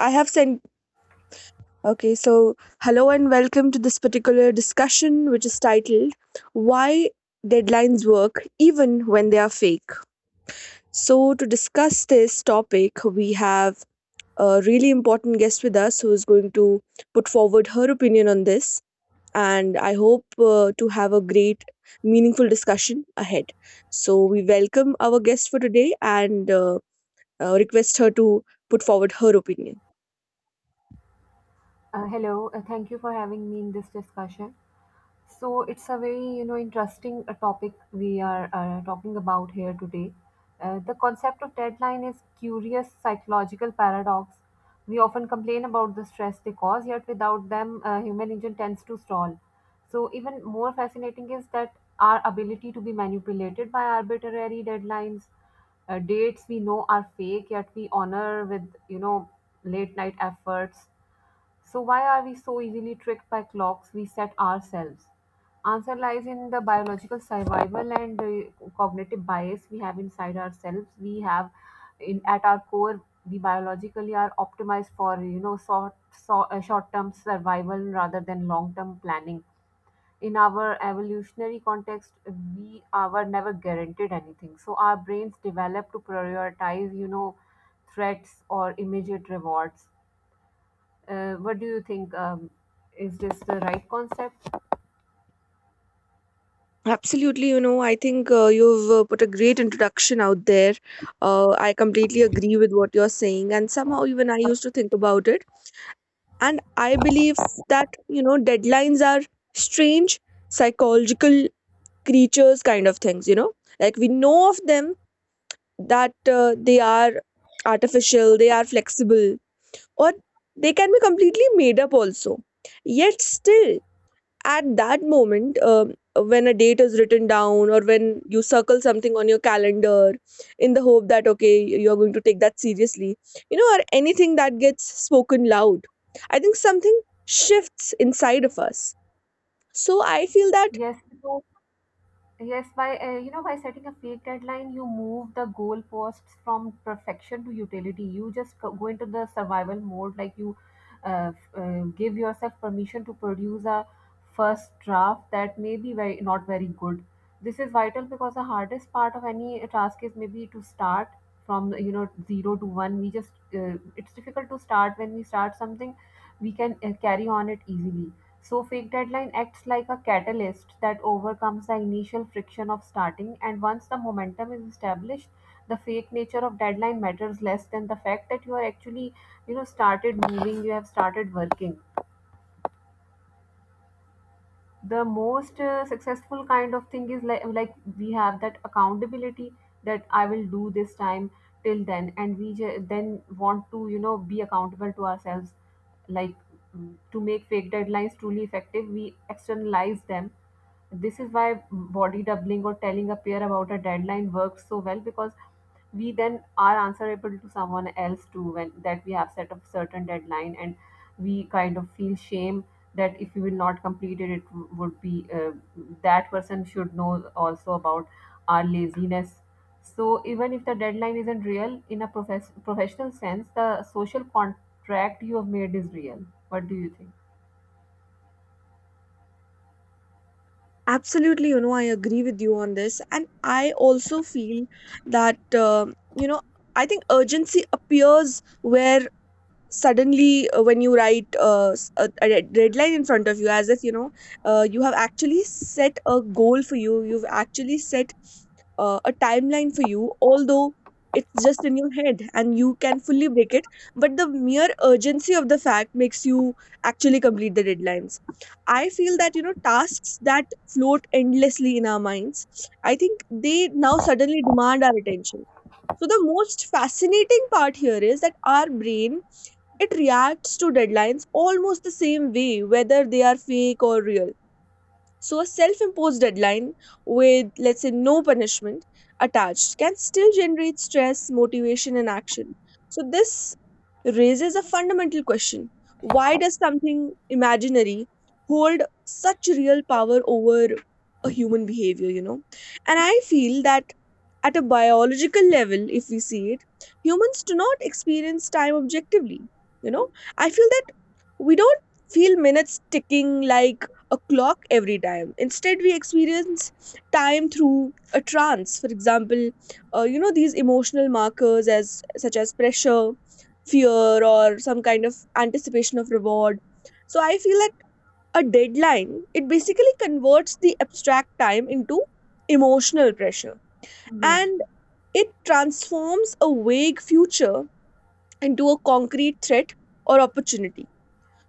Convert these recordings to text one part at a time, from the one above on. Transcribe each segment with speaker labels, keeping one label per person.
Speaker 1: I have sent. Okay, so hello and welcome to this particular discussion, which is titled "Why Deadlines Work Even When They Are Fake." So, to discuss this topic, we have a really important guest with us who is going to put forward her opinion on this. And I hope to have a great, meaningful discussion ahead. So, we welcome our guest for today and request her to put forward her opinion.
Speaker 2: Hello, thank you for having me in this discussion. So it's a very interesting topic we are talking about here today. The concept of deadline is curious psychological paradox. We often complain about the stress they cause, yet without them, human engine tends to stall. So even more fascinating is that our ability to be manipulated by arbitrary deadlines, dates we know are fake, yet we honor with late night efforts. So why are we so easily tricked by clocks we set ourselves? Answer lies in the biological survival and the cognitive bias we have inside ourselves. We have in at our core we biologically are optimized for short-term survival rather than long-term planning. In our evolutionary context, were never guaranteed anything. So our brains develop to prioritize, threats or immediate rewards. What do you think? Is this the right concept?
Speaker 1: Absolutely, you know, I think you've put a great introduction out there. I completely agree with what you're saying, and somehow even I used to think about it. And I believe that, you know, deadlines are strange, psychological creatures kind of things, you know, like we know of them that they are artificial, they are flexible, or they can be completely made up also. Yet still, at that moment when a date is written down or when you circle something on your calendar in the hope that okay you're going to take that seriously, you know, or anything that gets spoken loud, I think something shifts inside of us. So I feel that
Speaker 2: Yes, because yes, by by setting a fake deadline, you move the goalposts from perfection to utility. You just go into the survival mode, like you give yourself permission to produce a first draft that may be very not very good. This is vital because the hardest part of any task is maybe to start from zero to one. We just it's difficult to start. When we start something, we can carry on it easily. So fake deadline acts like a catalyst that overcomes the initial friction of starting, and once the momentum is established, the fake nature of deadline matters less than the fact that you are actually, started moving, you have started working. The most successful kind of thing is like we have that accountability that I will do this time till then, and we then want to, be accountable to ourselves, like to make fake deadlines truly effective, we externalize them. This is why body doubling or telling a peer about a deadline works so well, because we then are answerable to someone else too when that we have set a certain deadline, and we kind of feel shame that if we will not complete it it would be that person should know also about our laziness. So even if the deadline isn't real in a professional sense, the social contract you have made is real. What do you think?
Speaker 1: absolutely, you know, I agree with you on this, and I also feel that, you know, I think urgency appears where suddenly when you write a red line in front of you, as if, you know, you have actually set a goal for you, you've actually set a timeline for you, although it's just in your head and you can fully break it. But the mere urgency of the fact makes you actually complete the deadlines. I feel that, you know, tasks that float endlessly in our minds, I think they now suddenly demand our attention. So the most fascinating part here is that our brain, it reacts to deadlines almost the same way, whether they are fake or real. So, a self imposed deadline with, let's say, no punishment attached can still generate stress, motivation, and action. So, this raises a fundamental question: why does something imaginary hold such real power over a human behavior, you know? And I feel that at a biological level, if we see it, humans do not experience time objectively, you know? I feel that we don't feel minutes ticking like a clock every time. Instead, we experience time through a trance. For example, you know, these emotional markers as such as pressure, fear, or some kind of anticipation of reward. So I feel that a deadline, it basically converts the abstract time into emotional pressure,
Speaker 2: Yes.
Speaker 1: and it transforms a vague future into a concrete threat or opportunity.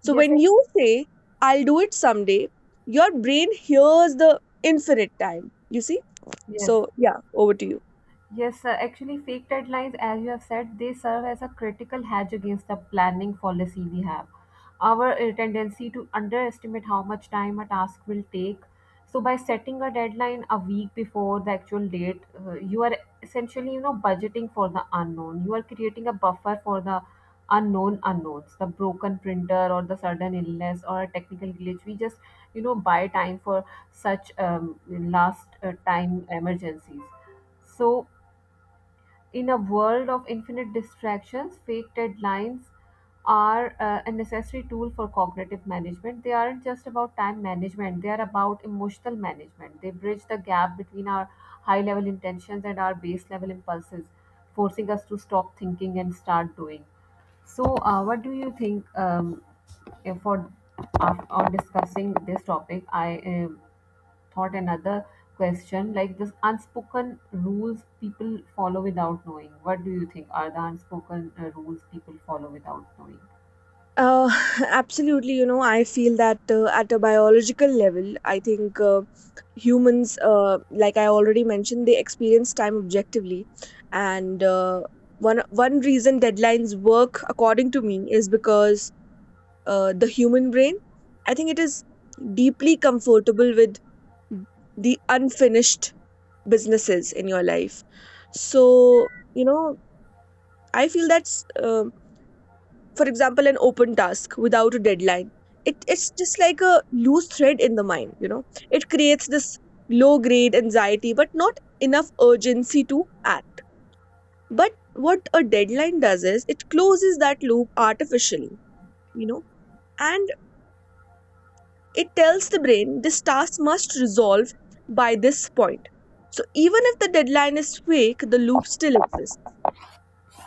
Speaker 1: So
Speaker 2: Yes,
Speaker 1: when
Speaker 2: I-
Speaker 1: you say, "I'll do it someday," your brain hears the infinite time, you see?
Speaker 2: yes.
Speaker 1: So, yeah, over to you.
Speaker 2: Yes, sir. Actually, fake deadlines, as you have said, they serve as a critical hedge against the planning fallacy we have. Our tendency to underestimate how much time a task will take. So, by setting a deadline a week before the actual date, you are essentially, budgeting for the unknown. You are creating a buffer for the unknown unknowns, the broken printer or the sudden illness or a technical glitch. We just, buy time for such last time emergencies. So in a world of infinite distractions, fake deadlines are a necessary tool for cognitive management. They aren't just about time management, they are about emotional management. They bridge the gap between our high level intentions and our base level impulses, forcing us to stop thinking and start doing. So, what do you think? If on discussing this topic? I thought another question like this unspoken rules people follow without knowing. What do you think are the unspoken rules people follow without knowing?
Speaker 1: Uh, absolutely. You know, I feel that at a biological level, I think humans, like I already mentioned, they experience time objectively. And one reason deadlines work, according to me, is because the human brain, I think it is deeply comfortable with the unfinished businesses in your life. So, you know, I feel that's, for example, an open task without a deadline. It's just like a loose thread in the mind, you know. It creates this low grade anxiety, but not enough urgency to act. But what a deadline does is it closes that loop artificially, you know, and it tells the brain this task must resolve by this point. So even if the deadline is fake, the loop still exists.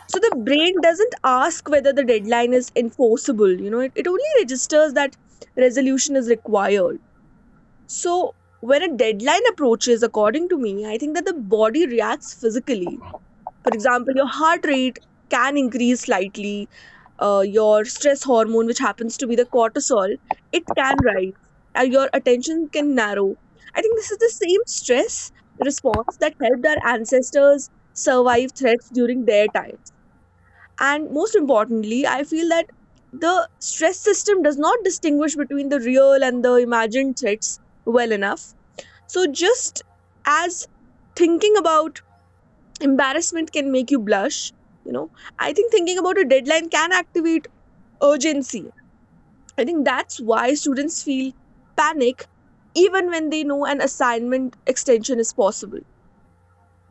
Speaker 1: So the brain doesn't ask whether the deadline is enforceable, you know, it only registers that resolution is required. So when a deadline approaches, according to me, I think that the body reacts physically. For example, your heart rate can increase slightly, your stress hormone, which happens to be the cortisol, it can rise, and your attention can narrow. I think this is the same stress response that helped our ancestors survive threats during their time. And most importantly, I feel that the stress system does not distinguish between the real and the imagined threats well enough. So just as thinking about embarrassment can make you blush, you know, I think thinking about a deadline can activate urgency. I think that's why students feel panic even when they know an assignment extension is possible,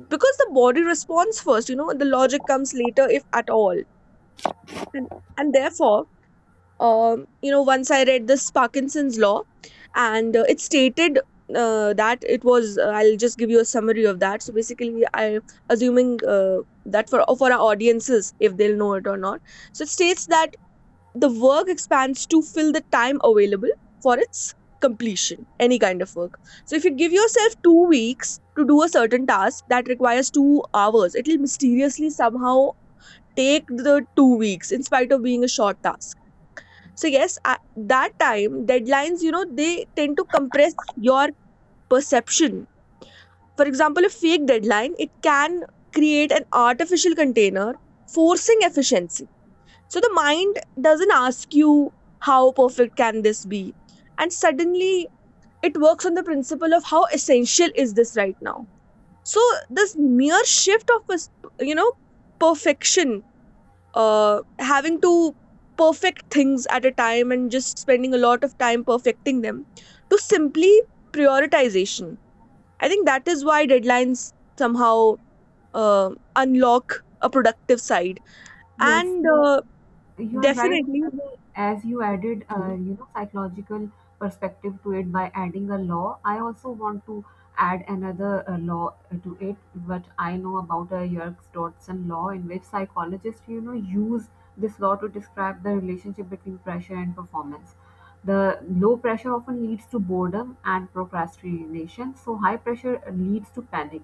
Speaker 1: because the body responds first, you know, the logic comes later, if at all. And, and therefore, you know, once I read this Parkinson's law, and it stated that it was. I'll just give you a summary of that. So basically, I assuming that for our audiences, if they'll know it or not. So it states that the work expands to fill the time available for its completion, any kind of work. So if you give yourself 2 weeks to do a certain task that requires 2 hours, it'll mysteriously somehow take the 2 weeks in spite of being a short task. So yes, I, that time deadlines, you know, they tend to compress your perception. For example, a fake deadline, it can create an artificial container, forcing efficiency. So the mind doesn't ask you how perfect can this be? And suddenly it works on the principle of how essential is this right now? So this mere shift of you know, perfection, having to perfect things at a time and just spending a lot of time perfecting them, to simply prioritization. I think that is why deadlines somehow unlock a productive side.
Speaker 2: Yes,
Speaker 1: And
Speaker 2: yeah. You are right,
Speaker 1: definitely,
Speaker 2: actually, as you added psychological perspective to it by adding a law. I also want to add another law to it. What I know about a Yerkes-Dodson law, in which psychologists use this law to describe the relationship between pressure and performance. The low pressure often leads to boredom and procrastination, so high pressure leads to panic,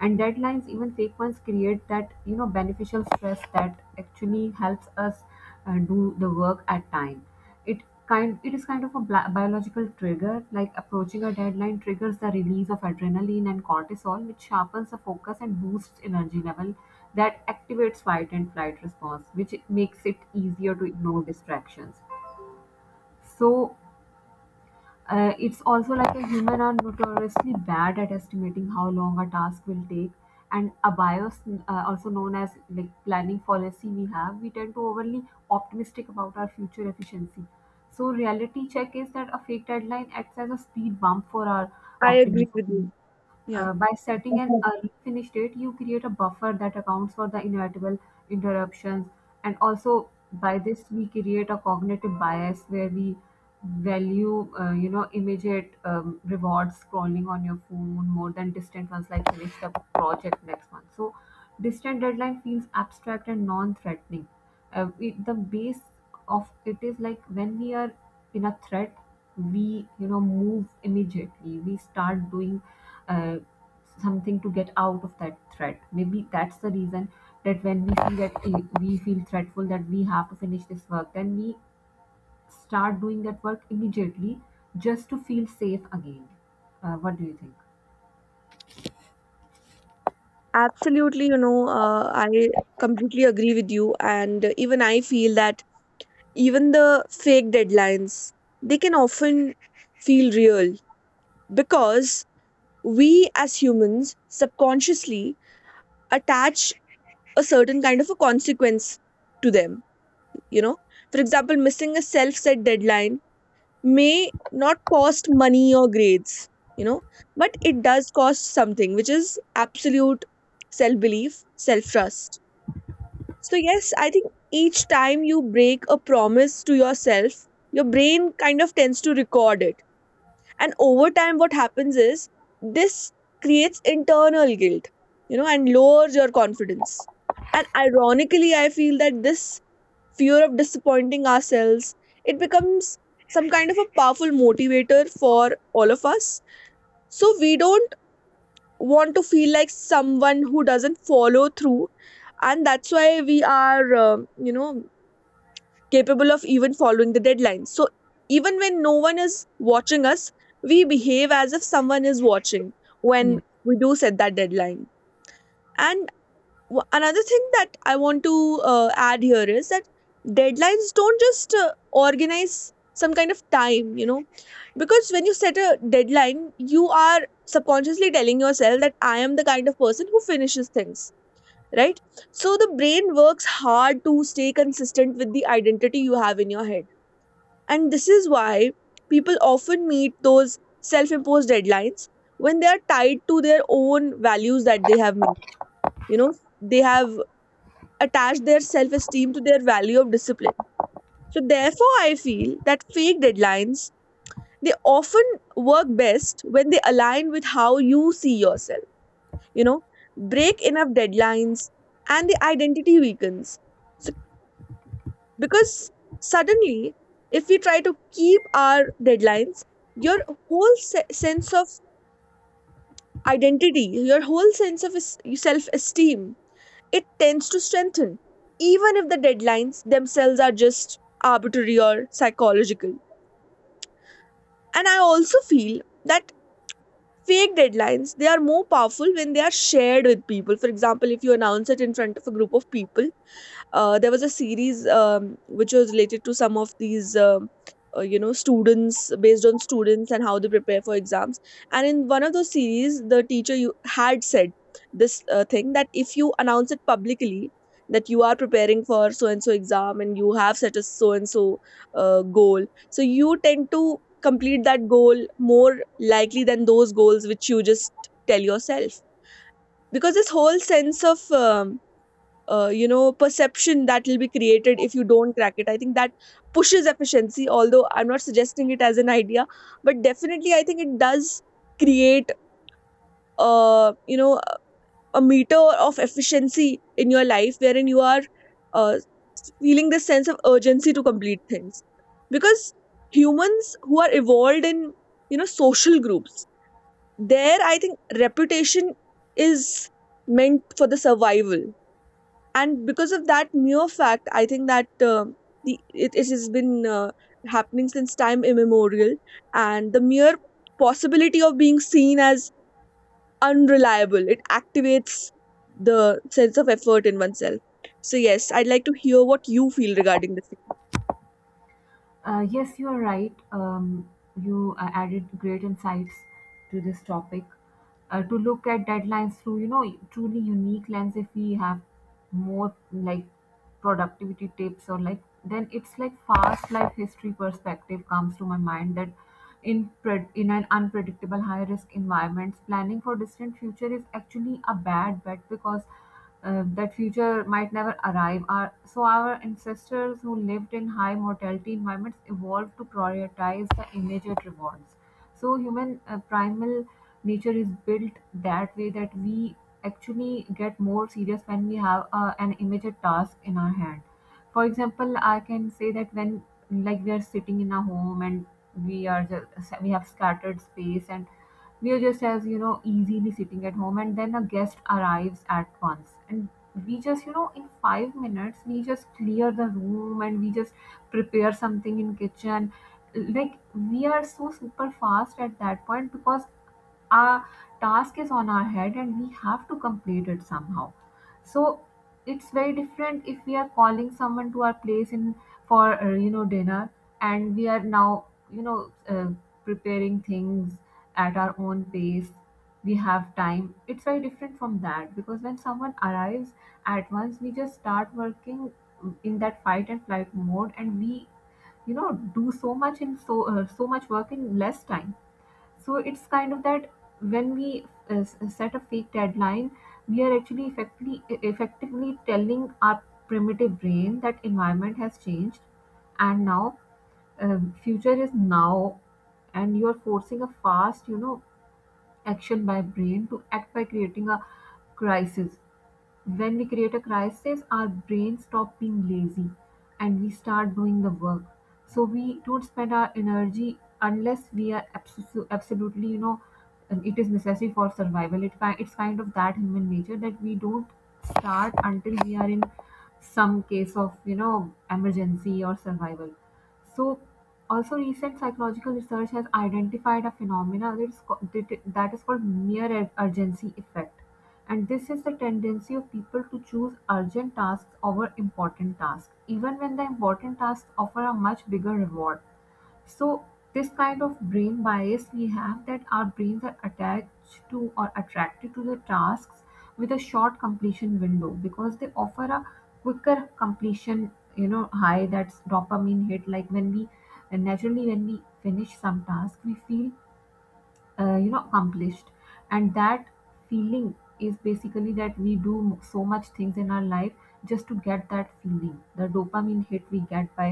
Speaker 2: and deadlines, even fake ones, create that beneficial stress that actually helps us and do the work at time. it it is kind of a biological trigger. Like approaching a deadline triggers the release of adrenaline and cortisol, which sharpens the focus and boosts energy level. That activates fight and flight response, which makes it easier to ignore distractions. So it's also like a human are notoriously bad at estimating how long a task will take, and a bias also known as like planning fallacy we have. We tend to overly optimistic about our future efficiency. So reality check is that a fake deadline acts as a speed bump for our
Speaker 1: I
Speaker 2: optimism.
Speaker 1: agree with you. Yeah.
Speaker 2: By setting an early finish date, you create a buffer that accounts for the inevitable interruptions. And also, by this, we create a cognitive bias where we value, immediate rewards scrolling on your phone more than distant ones, like finish the project next month. So, distant deadline feels abstract and non-threatening. The base of it is like when we are in a threat we move immediately, we start doing uh, something to get out of that threat. Maybe that's the reason that when we see that we feel threatful that we have to finish this work, then we start doing that work immediately just to feel safe again. What do you think?
Speaker 1: Absolutely, you know, I completely agree with you, and even I feel that even the fake deadlines, they can often feel real because we as humans subconsciously attach a certain kind of a consequence to them, you know. For example, missing a self set deadline may not cost money or grades, you know, but it does cost something which is absolute, self belief, self trust. So yes, I think each time you break a promise to yourself, your brain kind of tends to record it. And over time, what happens is this creates internal guilt, you know, and lowers your confidence. And ironically, I feel that this fear of disappointing ourselves, it becomes some kind of a powerful motivator for all of us. So we don't want to feel like someone who doesn't follow through. And that's why we are, you know, capable of even following the deadlines. So even when no one is watching us, we behave as if someone is watching when
Speaker 2: Yeah.
Speaker 1: we do set that deadline. And another thing that I want to add here is that deadlines don't just organize some kind of time, you know, because when you set a deadline, you are subconsciously telling yourself that I am the kind of person who finishes things, right? So the brain works hard to stay consistent with the identity you have in your head. And this is why people often meet those self imposed deadlines when they are tied to their own values that they have made. You know, they have attached their self esteem to their value of discipline. So, therefore, I feel that fake deadlines, they often work best when they align with how you see yourself. You know, break enough deadlines and the identity weakens. So because suddenly, if we try to keep our deadlines, your whole sense of identity, your whole sense of self-esteem, it tends to strengthen even if the deadlines themselves are just arbitrary or psychological. And I also feel that fake deadlines, they are more powerful when they are shared with people. For example, if you announce it in front of a group of people. There was a series which was related to some of these, you know, students, based on students and how they prepare for exams. And in one of those series, the teacher you had said this thing that if you announce it publicly that you are preparing for so and so exam and you have set a so and so goal, so you tend to complete that goal more likely than those goals which you just tell yourself. Because this whole sense of you know, perception that will be created if you don't crack it. I think that pushes efficiency, although I'm not suggesting it as an idea, but definitely I think it does create, you know, a meter of efficiency in your life wherein you are uh, feeling this sense of urgency to complete things. Because humans who are evolved in, social groups, there I think reputation is meant for the survival. And because of that mere fact, I think that it has been happening since time immemorial, and the mere possibility of being seen as unreliable, it activates the sense of effort in oneself. So yes, I'd like to hear what you feel regarding this.
Speaker 2: Yes, you are right. You added great insights to this topic. To look at deadlines through, truly unique lens. If we have more like productivity tips or like, then it's like fast life history perspective comes to my mind that in an unpredictable high risk environments, planning for distant future is actually a bad bet because that future might never arrive. So our ancestors who lived in high mortality environments evolved to prioritize the immediate rewards. So human primal nature is built that way that we actually get more serious when we have an immediate task in our hand. For example, I can say that when like we are sitting in a home and we have scattered space and we are just as easily sitting at home, and then a guest arrives at once, and we just in 5 minutes we just clear the room and we just prepare something in kitchen, like we are so super fast at that point because our task is on our head and we have to complete it somehow. So it's very different if we are calling someone to our place in for dinner, and we are now preparing things at our own pace. We have time. It's very different from that, because when someone arrives at once we just start working in that fight and flight mode, and we do so much in so much work in less time. So it's kind of that when we set a fake deadline, we are actually effectively effectively telling our primitive brain that environment has changed and now future is now, and you are forcing a fast action by brain to act by creating a crisis. When we create a crisis our brain stop being lazy and we start doing the work. So we don't spend our energy unless we are absolutely and it is necessary for survival. It's kind of that human nature that we don't start until we are in some case of emergency or survival. So, also recent psychological research has identified a phenomena that is called mere urgency effect. And this is the tendency of people to choose urgent tasks over important tasks, even when the important tasks offer a much bigger reward. So this kind of brain bias we have, that our brains are attached to or attracted to the tasks with a short completion window because they offer a quicker completion you know high that's dopamine hit. Like when we naturally when we finish some task, we feel you know, accomplished. And that feeling is basically that we do so much things in our life just to get that feeling, the dopamine hit we get by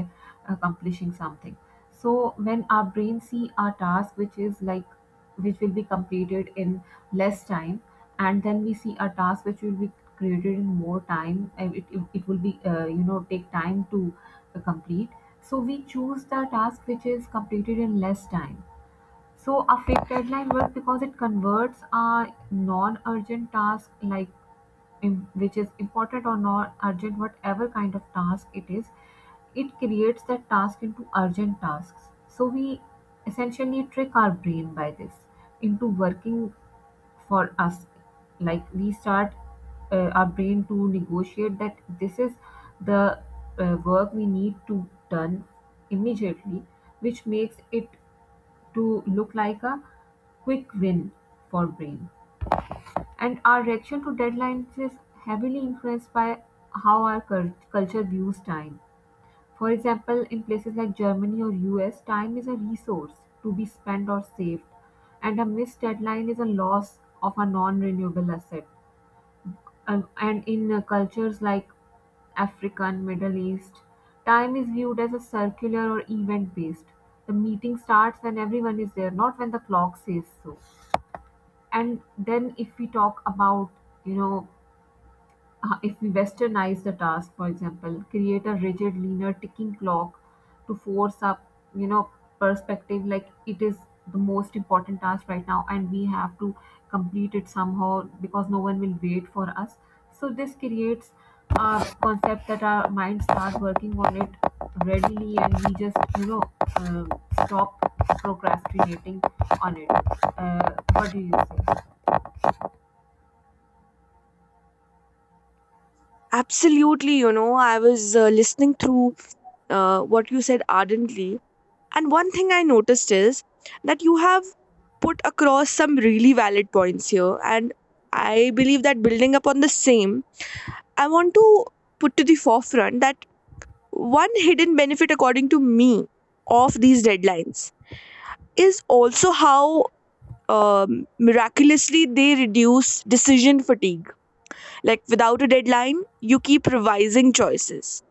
Speaker 2: accomplishing something. So when our brain see our task which is like, which will be completed in less time, and then we see a task which will be created in more time and it will be you know, take time to complete, so we choose the task which is completed in less time. So affect deadline works because it converts a non-urgent task, like which is important or not urgent, whatever kind of task it is, it creates that task into urgent tasks, so we essentially trick our brain by this into working for us. Like we start our brain to negotiate that this is the work we need to done immediately, which makes it to look like a quick win for Brain. And our reaction to deadlines is heavily influenced by how our culture views time. For example, in places like Germany or US, time is a resource to be spent or saved, and a missed deadline is a loss of a non renewable asset. And in cultures like Africa and Middle East, time is viewed as a circular or event based. The meeting starts when everyone is there, not when the clock says so. And then if we talk about, you know, if we westernize the task, for example, create a rigid, linear ticking clock to force up, you know, perspective, like it is the most important task right now and we have to complete it somehow because no one will wait for us. So this creates a concept that our minds start working on it readily, and we just, you know, um stop procrastinating on it. What do you say?
Speaker 1: Absolutely, you know, I was listening through what you said ardently, and one thing I noticed is that you have put across some really valid points here. And I believe that building upon the same, I want to put to the forefront that one hidden benefit, according to me, of these deadlines is also how miraculously they reduce decision fatigue. Like, without a deadline, you keep revising choices.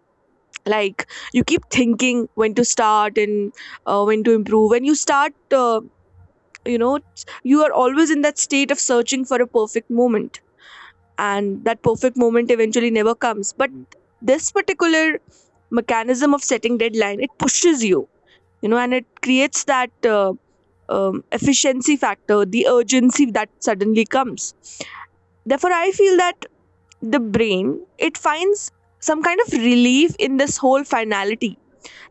Speaker 1: Like, you keep thinking when to start and when to improve. And you start you know you are always in that state of searching for a perfect moment, and that perfect moment eventually never comes. But this particular mechanism of setting deadline, it pushes you, you know, and it creates that efficiency factor, the urgency that suddenly comes. Therefore, I feel that the brain, it finds some kind of relief in this whole finality.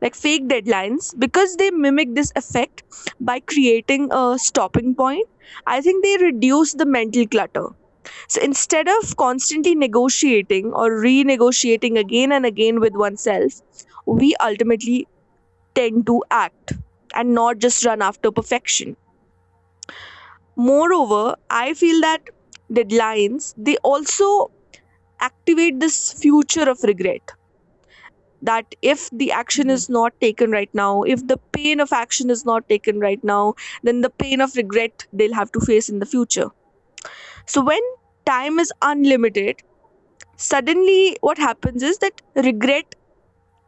Speaker 1: Like fake deadlines, because they mimic this effect by creating a stopping point, I think they reduce the mental clutter. So instead of constantly negotiating or renegotiating again and again with oneself, we ultimately tend to act and not just run after perfection. Moreover, I feel that deadlines, they also activate this future of regret, that if the action is not taken right now, if the pain of action is not taken right now, then the pain of regret they'll have to face in the future. So when time is unlimited, suddenly what happens is that regret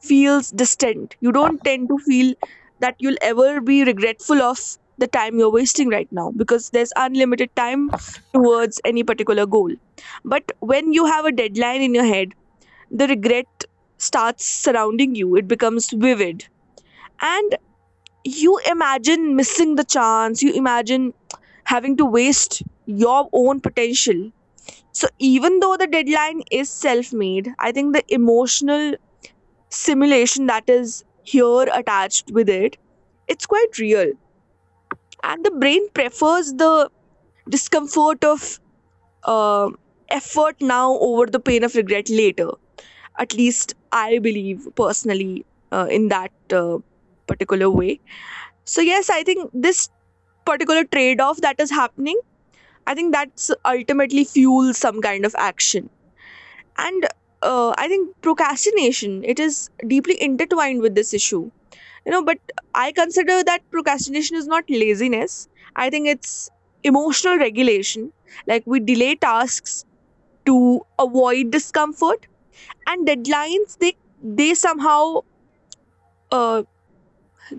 Speaker 1: feels distant. You don't tend to feel that you'll ever be regretful of the time you're wasting right now, because there's unlimited time towards any particular goal. But when you have a deadline in your head, the regret starts surrounding you. It becomes vivid, and you imagine missing the chance, you imagine having to waste your own potential. So, even though the deadline is self made, I think the emotional simulation that is here attached with it, it's quite real, and the brain prefers the discomfort of uh, effort now over the pain of regret later, at least I believe personally, in that particular way. So yes, I think this particular trade off that is happening, I think that's ultimately fuels some kind of action. And I think procrastination, it is deeply intertwined with this issue. You know, but I consider that procrastination is not laziness. I think it's emotional regulation. Like we delay tasks to avoid discomfort, and deadlines, they somehow uh,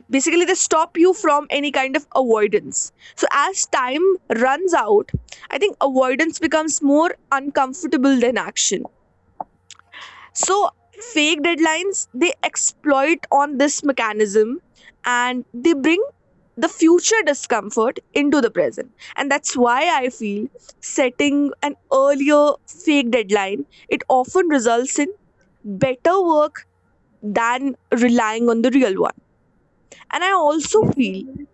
Speaker 1: basically they stop you from any kind of avoidance. So as time runs out, I think avoidance becomes more uncomfortable than action. So fake deadlines, they exploit on this mechanism, and they bring the future discomfort into the present. And that's why I feel setting an earlier fake deadline, it often results in better work than relying on the real one. And I also
Speaker 2: Yes, yes,
Speaker 1: feel
Speaker 2: you.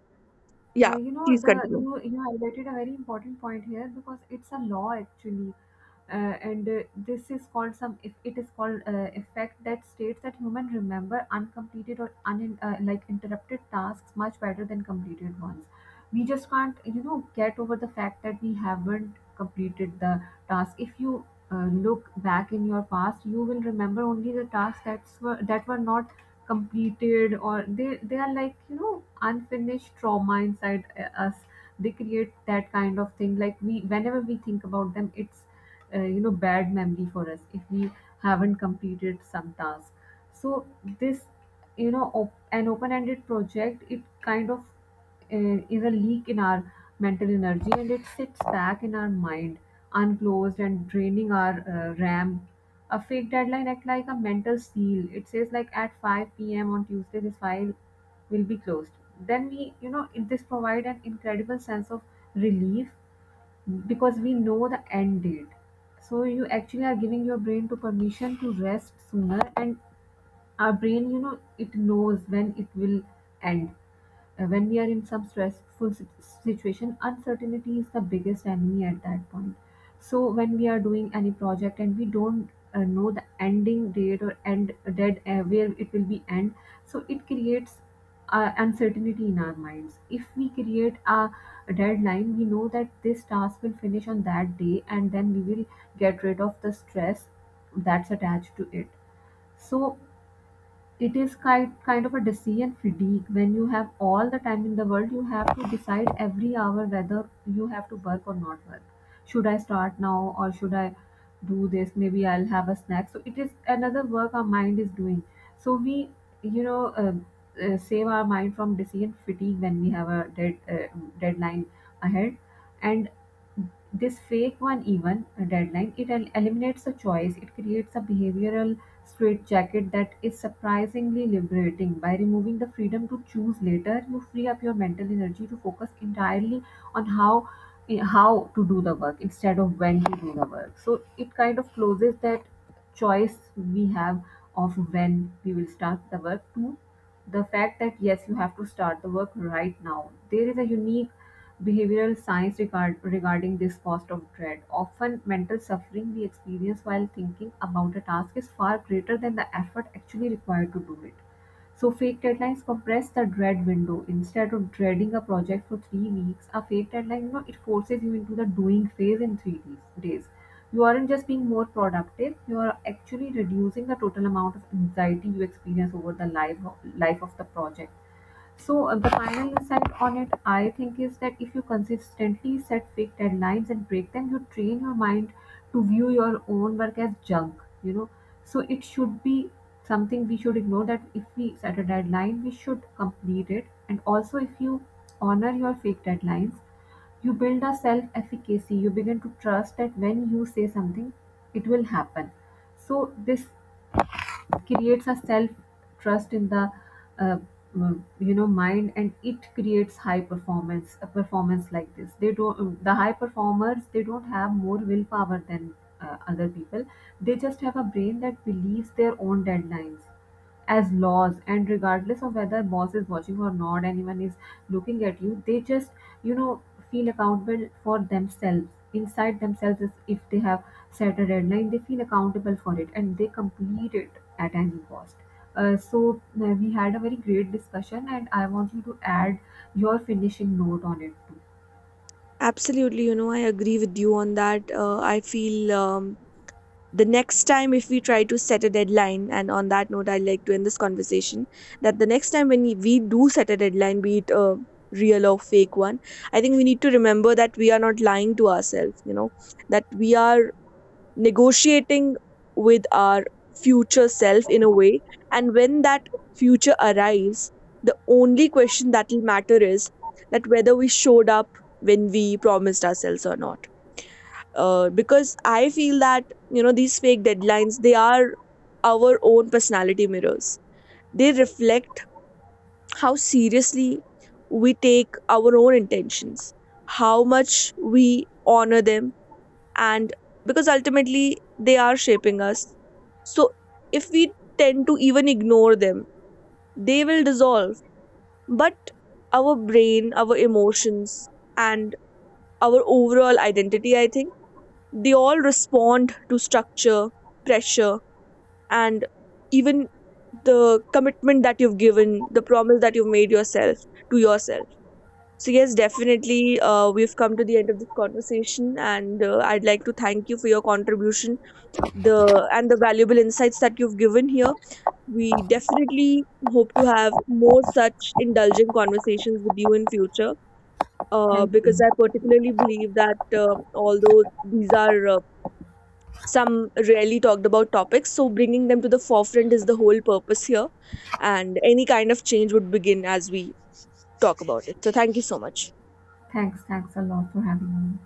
Speaker 1: Yeah,
Speaker 2: You know
Speaker 1: please
Speaker 2: the
Speaker 1: continue.
Speaker 2: you you highlighted a very important point here, because it's a law actually. And This is called some, if it is called effect, that states that human remember uncompleted or un like interrupted tasks much better than completed ones. We just can't you know get over the fact that we haven't completed the task. If you look back in your past, you will remember only the tasks that were not completed, or they are like you know unfinished trauma inside us. They create that kind of thing, like we whenever we think about them it's you know bad memory for us if we haven't completed some task. So this you know an open-ended project, it kind of is a leak in our mental energy and it sits back in our mind unclosed and draining our ram. A fake deadline act like a mental seal, it says like at 5 p.m on tuesday this file will be closed. Then we, you know, this provide an incredible sense of relief because we know the end date. So you actually are giving your brain to permission to rest sooner, and our brain you know it knows when it will end. When we are in some stressful situation, uncertainty is the biggest enemy at that point. So when we are doing any project and we don't know the ending date or end dead where it will be end, so it creates uncertainty in our minds. If we create a deadline, we know that this task will finish on that day, and then we will get rid of the stress that's attached to it. So it is kind of a decision fatigue: when you have all the time in the world, you have to decide every hour whether you have to work or not work. Should I start now, or should I do this, maybe I'll have a snack? So it is another work our mind is doing. So we, you know, save our mind from decision fatigue when we have a deadline ahead. And this fake one, even a deadline, it eliminates the choice. It creates a behavioral straitjacket that is surprisingly liberating. By removing the freedom to choose later, you free up your mental energy to focus entirely on how to do the work instead of when to do the work. So it kind of closes that choice we have of when we will start the work, to the fact that yes, you have to start the work right now. There is a unique behavioral science regarding this: cost of dread, often mental suffering we experience while thinking about a task is far greater than the effort actually required to do it. So fake deadlines compress the dread window. Instead of dreading a project for 3 weeks, a fake deadline, you know, it forces you into the doing phase in three days. You aren't just being more productive; you are actually reducing the total amount of anxiety you experience over the life of the project. So the final insight on it, I think, is that if you consistently set fake deadlines and break them, you train your mind to view your own work as junk. You know, so it should be something we should ignore. That if we set a deadline, we should complete it. And also, if you honor your fake deadlines, you build a self efficacy. You begin to trust that when you say something, it will happen. So this creates a self trust in the uh, you know mind, and it creates high performance. A performance like this, they don't the high performers, they don't have more willpower than other people. They just have a brain that believes their own deadlines as laws, and regardless of whether boss is watching or not, anyone is looking at you, they just you know feel accountable for themselves inside themselves. Is if they have set a deadline, they feel accountable for it and they complete it at any cost. So we had a very great discussion, and I want you to add your finishing note on it too.
Speaker 1: Absolutely, you know, I agree with you on that. I feel the next time if we try to set a deadline, and on that note, I like to end this conversation, that the next time when we do set a deadline, be it a real or fake one, I think we need to remember that we are not lying to ourselves, you know, that we are negotiating with our future self in a way. And when that future arrives, the only question that will matter is that whether we showed up when we promised ourselves or not. Because I feel that, you know, these fake deadlines, they are our own personality mirrors. They reflect how seriously we take our own intentions, how much we honor them, and because ultimately they are shaping us. So if we tend to even ignore them, they will dissolve. But our brain, our emotions, and our overall identity, I think, they all respond to structure, pressure, and even the commitment that you've given, the promise that you've made yourself to yourself. So, yes, definitely, we've come to the end of this conversation, and I'd like to thank you for your contribution the and the valuable insights that you've given here. We definitely hope to have more such indulgent conversations with you in future. Uh,
Speaker 2: Thank you.
Speaker 1: because I particularly believe that although these are some rarely talked about topics, so bringing them to the forefront is the whole purpose here, and any kind of change would begin as we talk about it. So thank you so much.
Speaker 2: Thanks a lot for having me.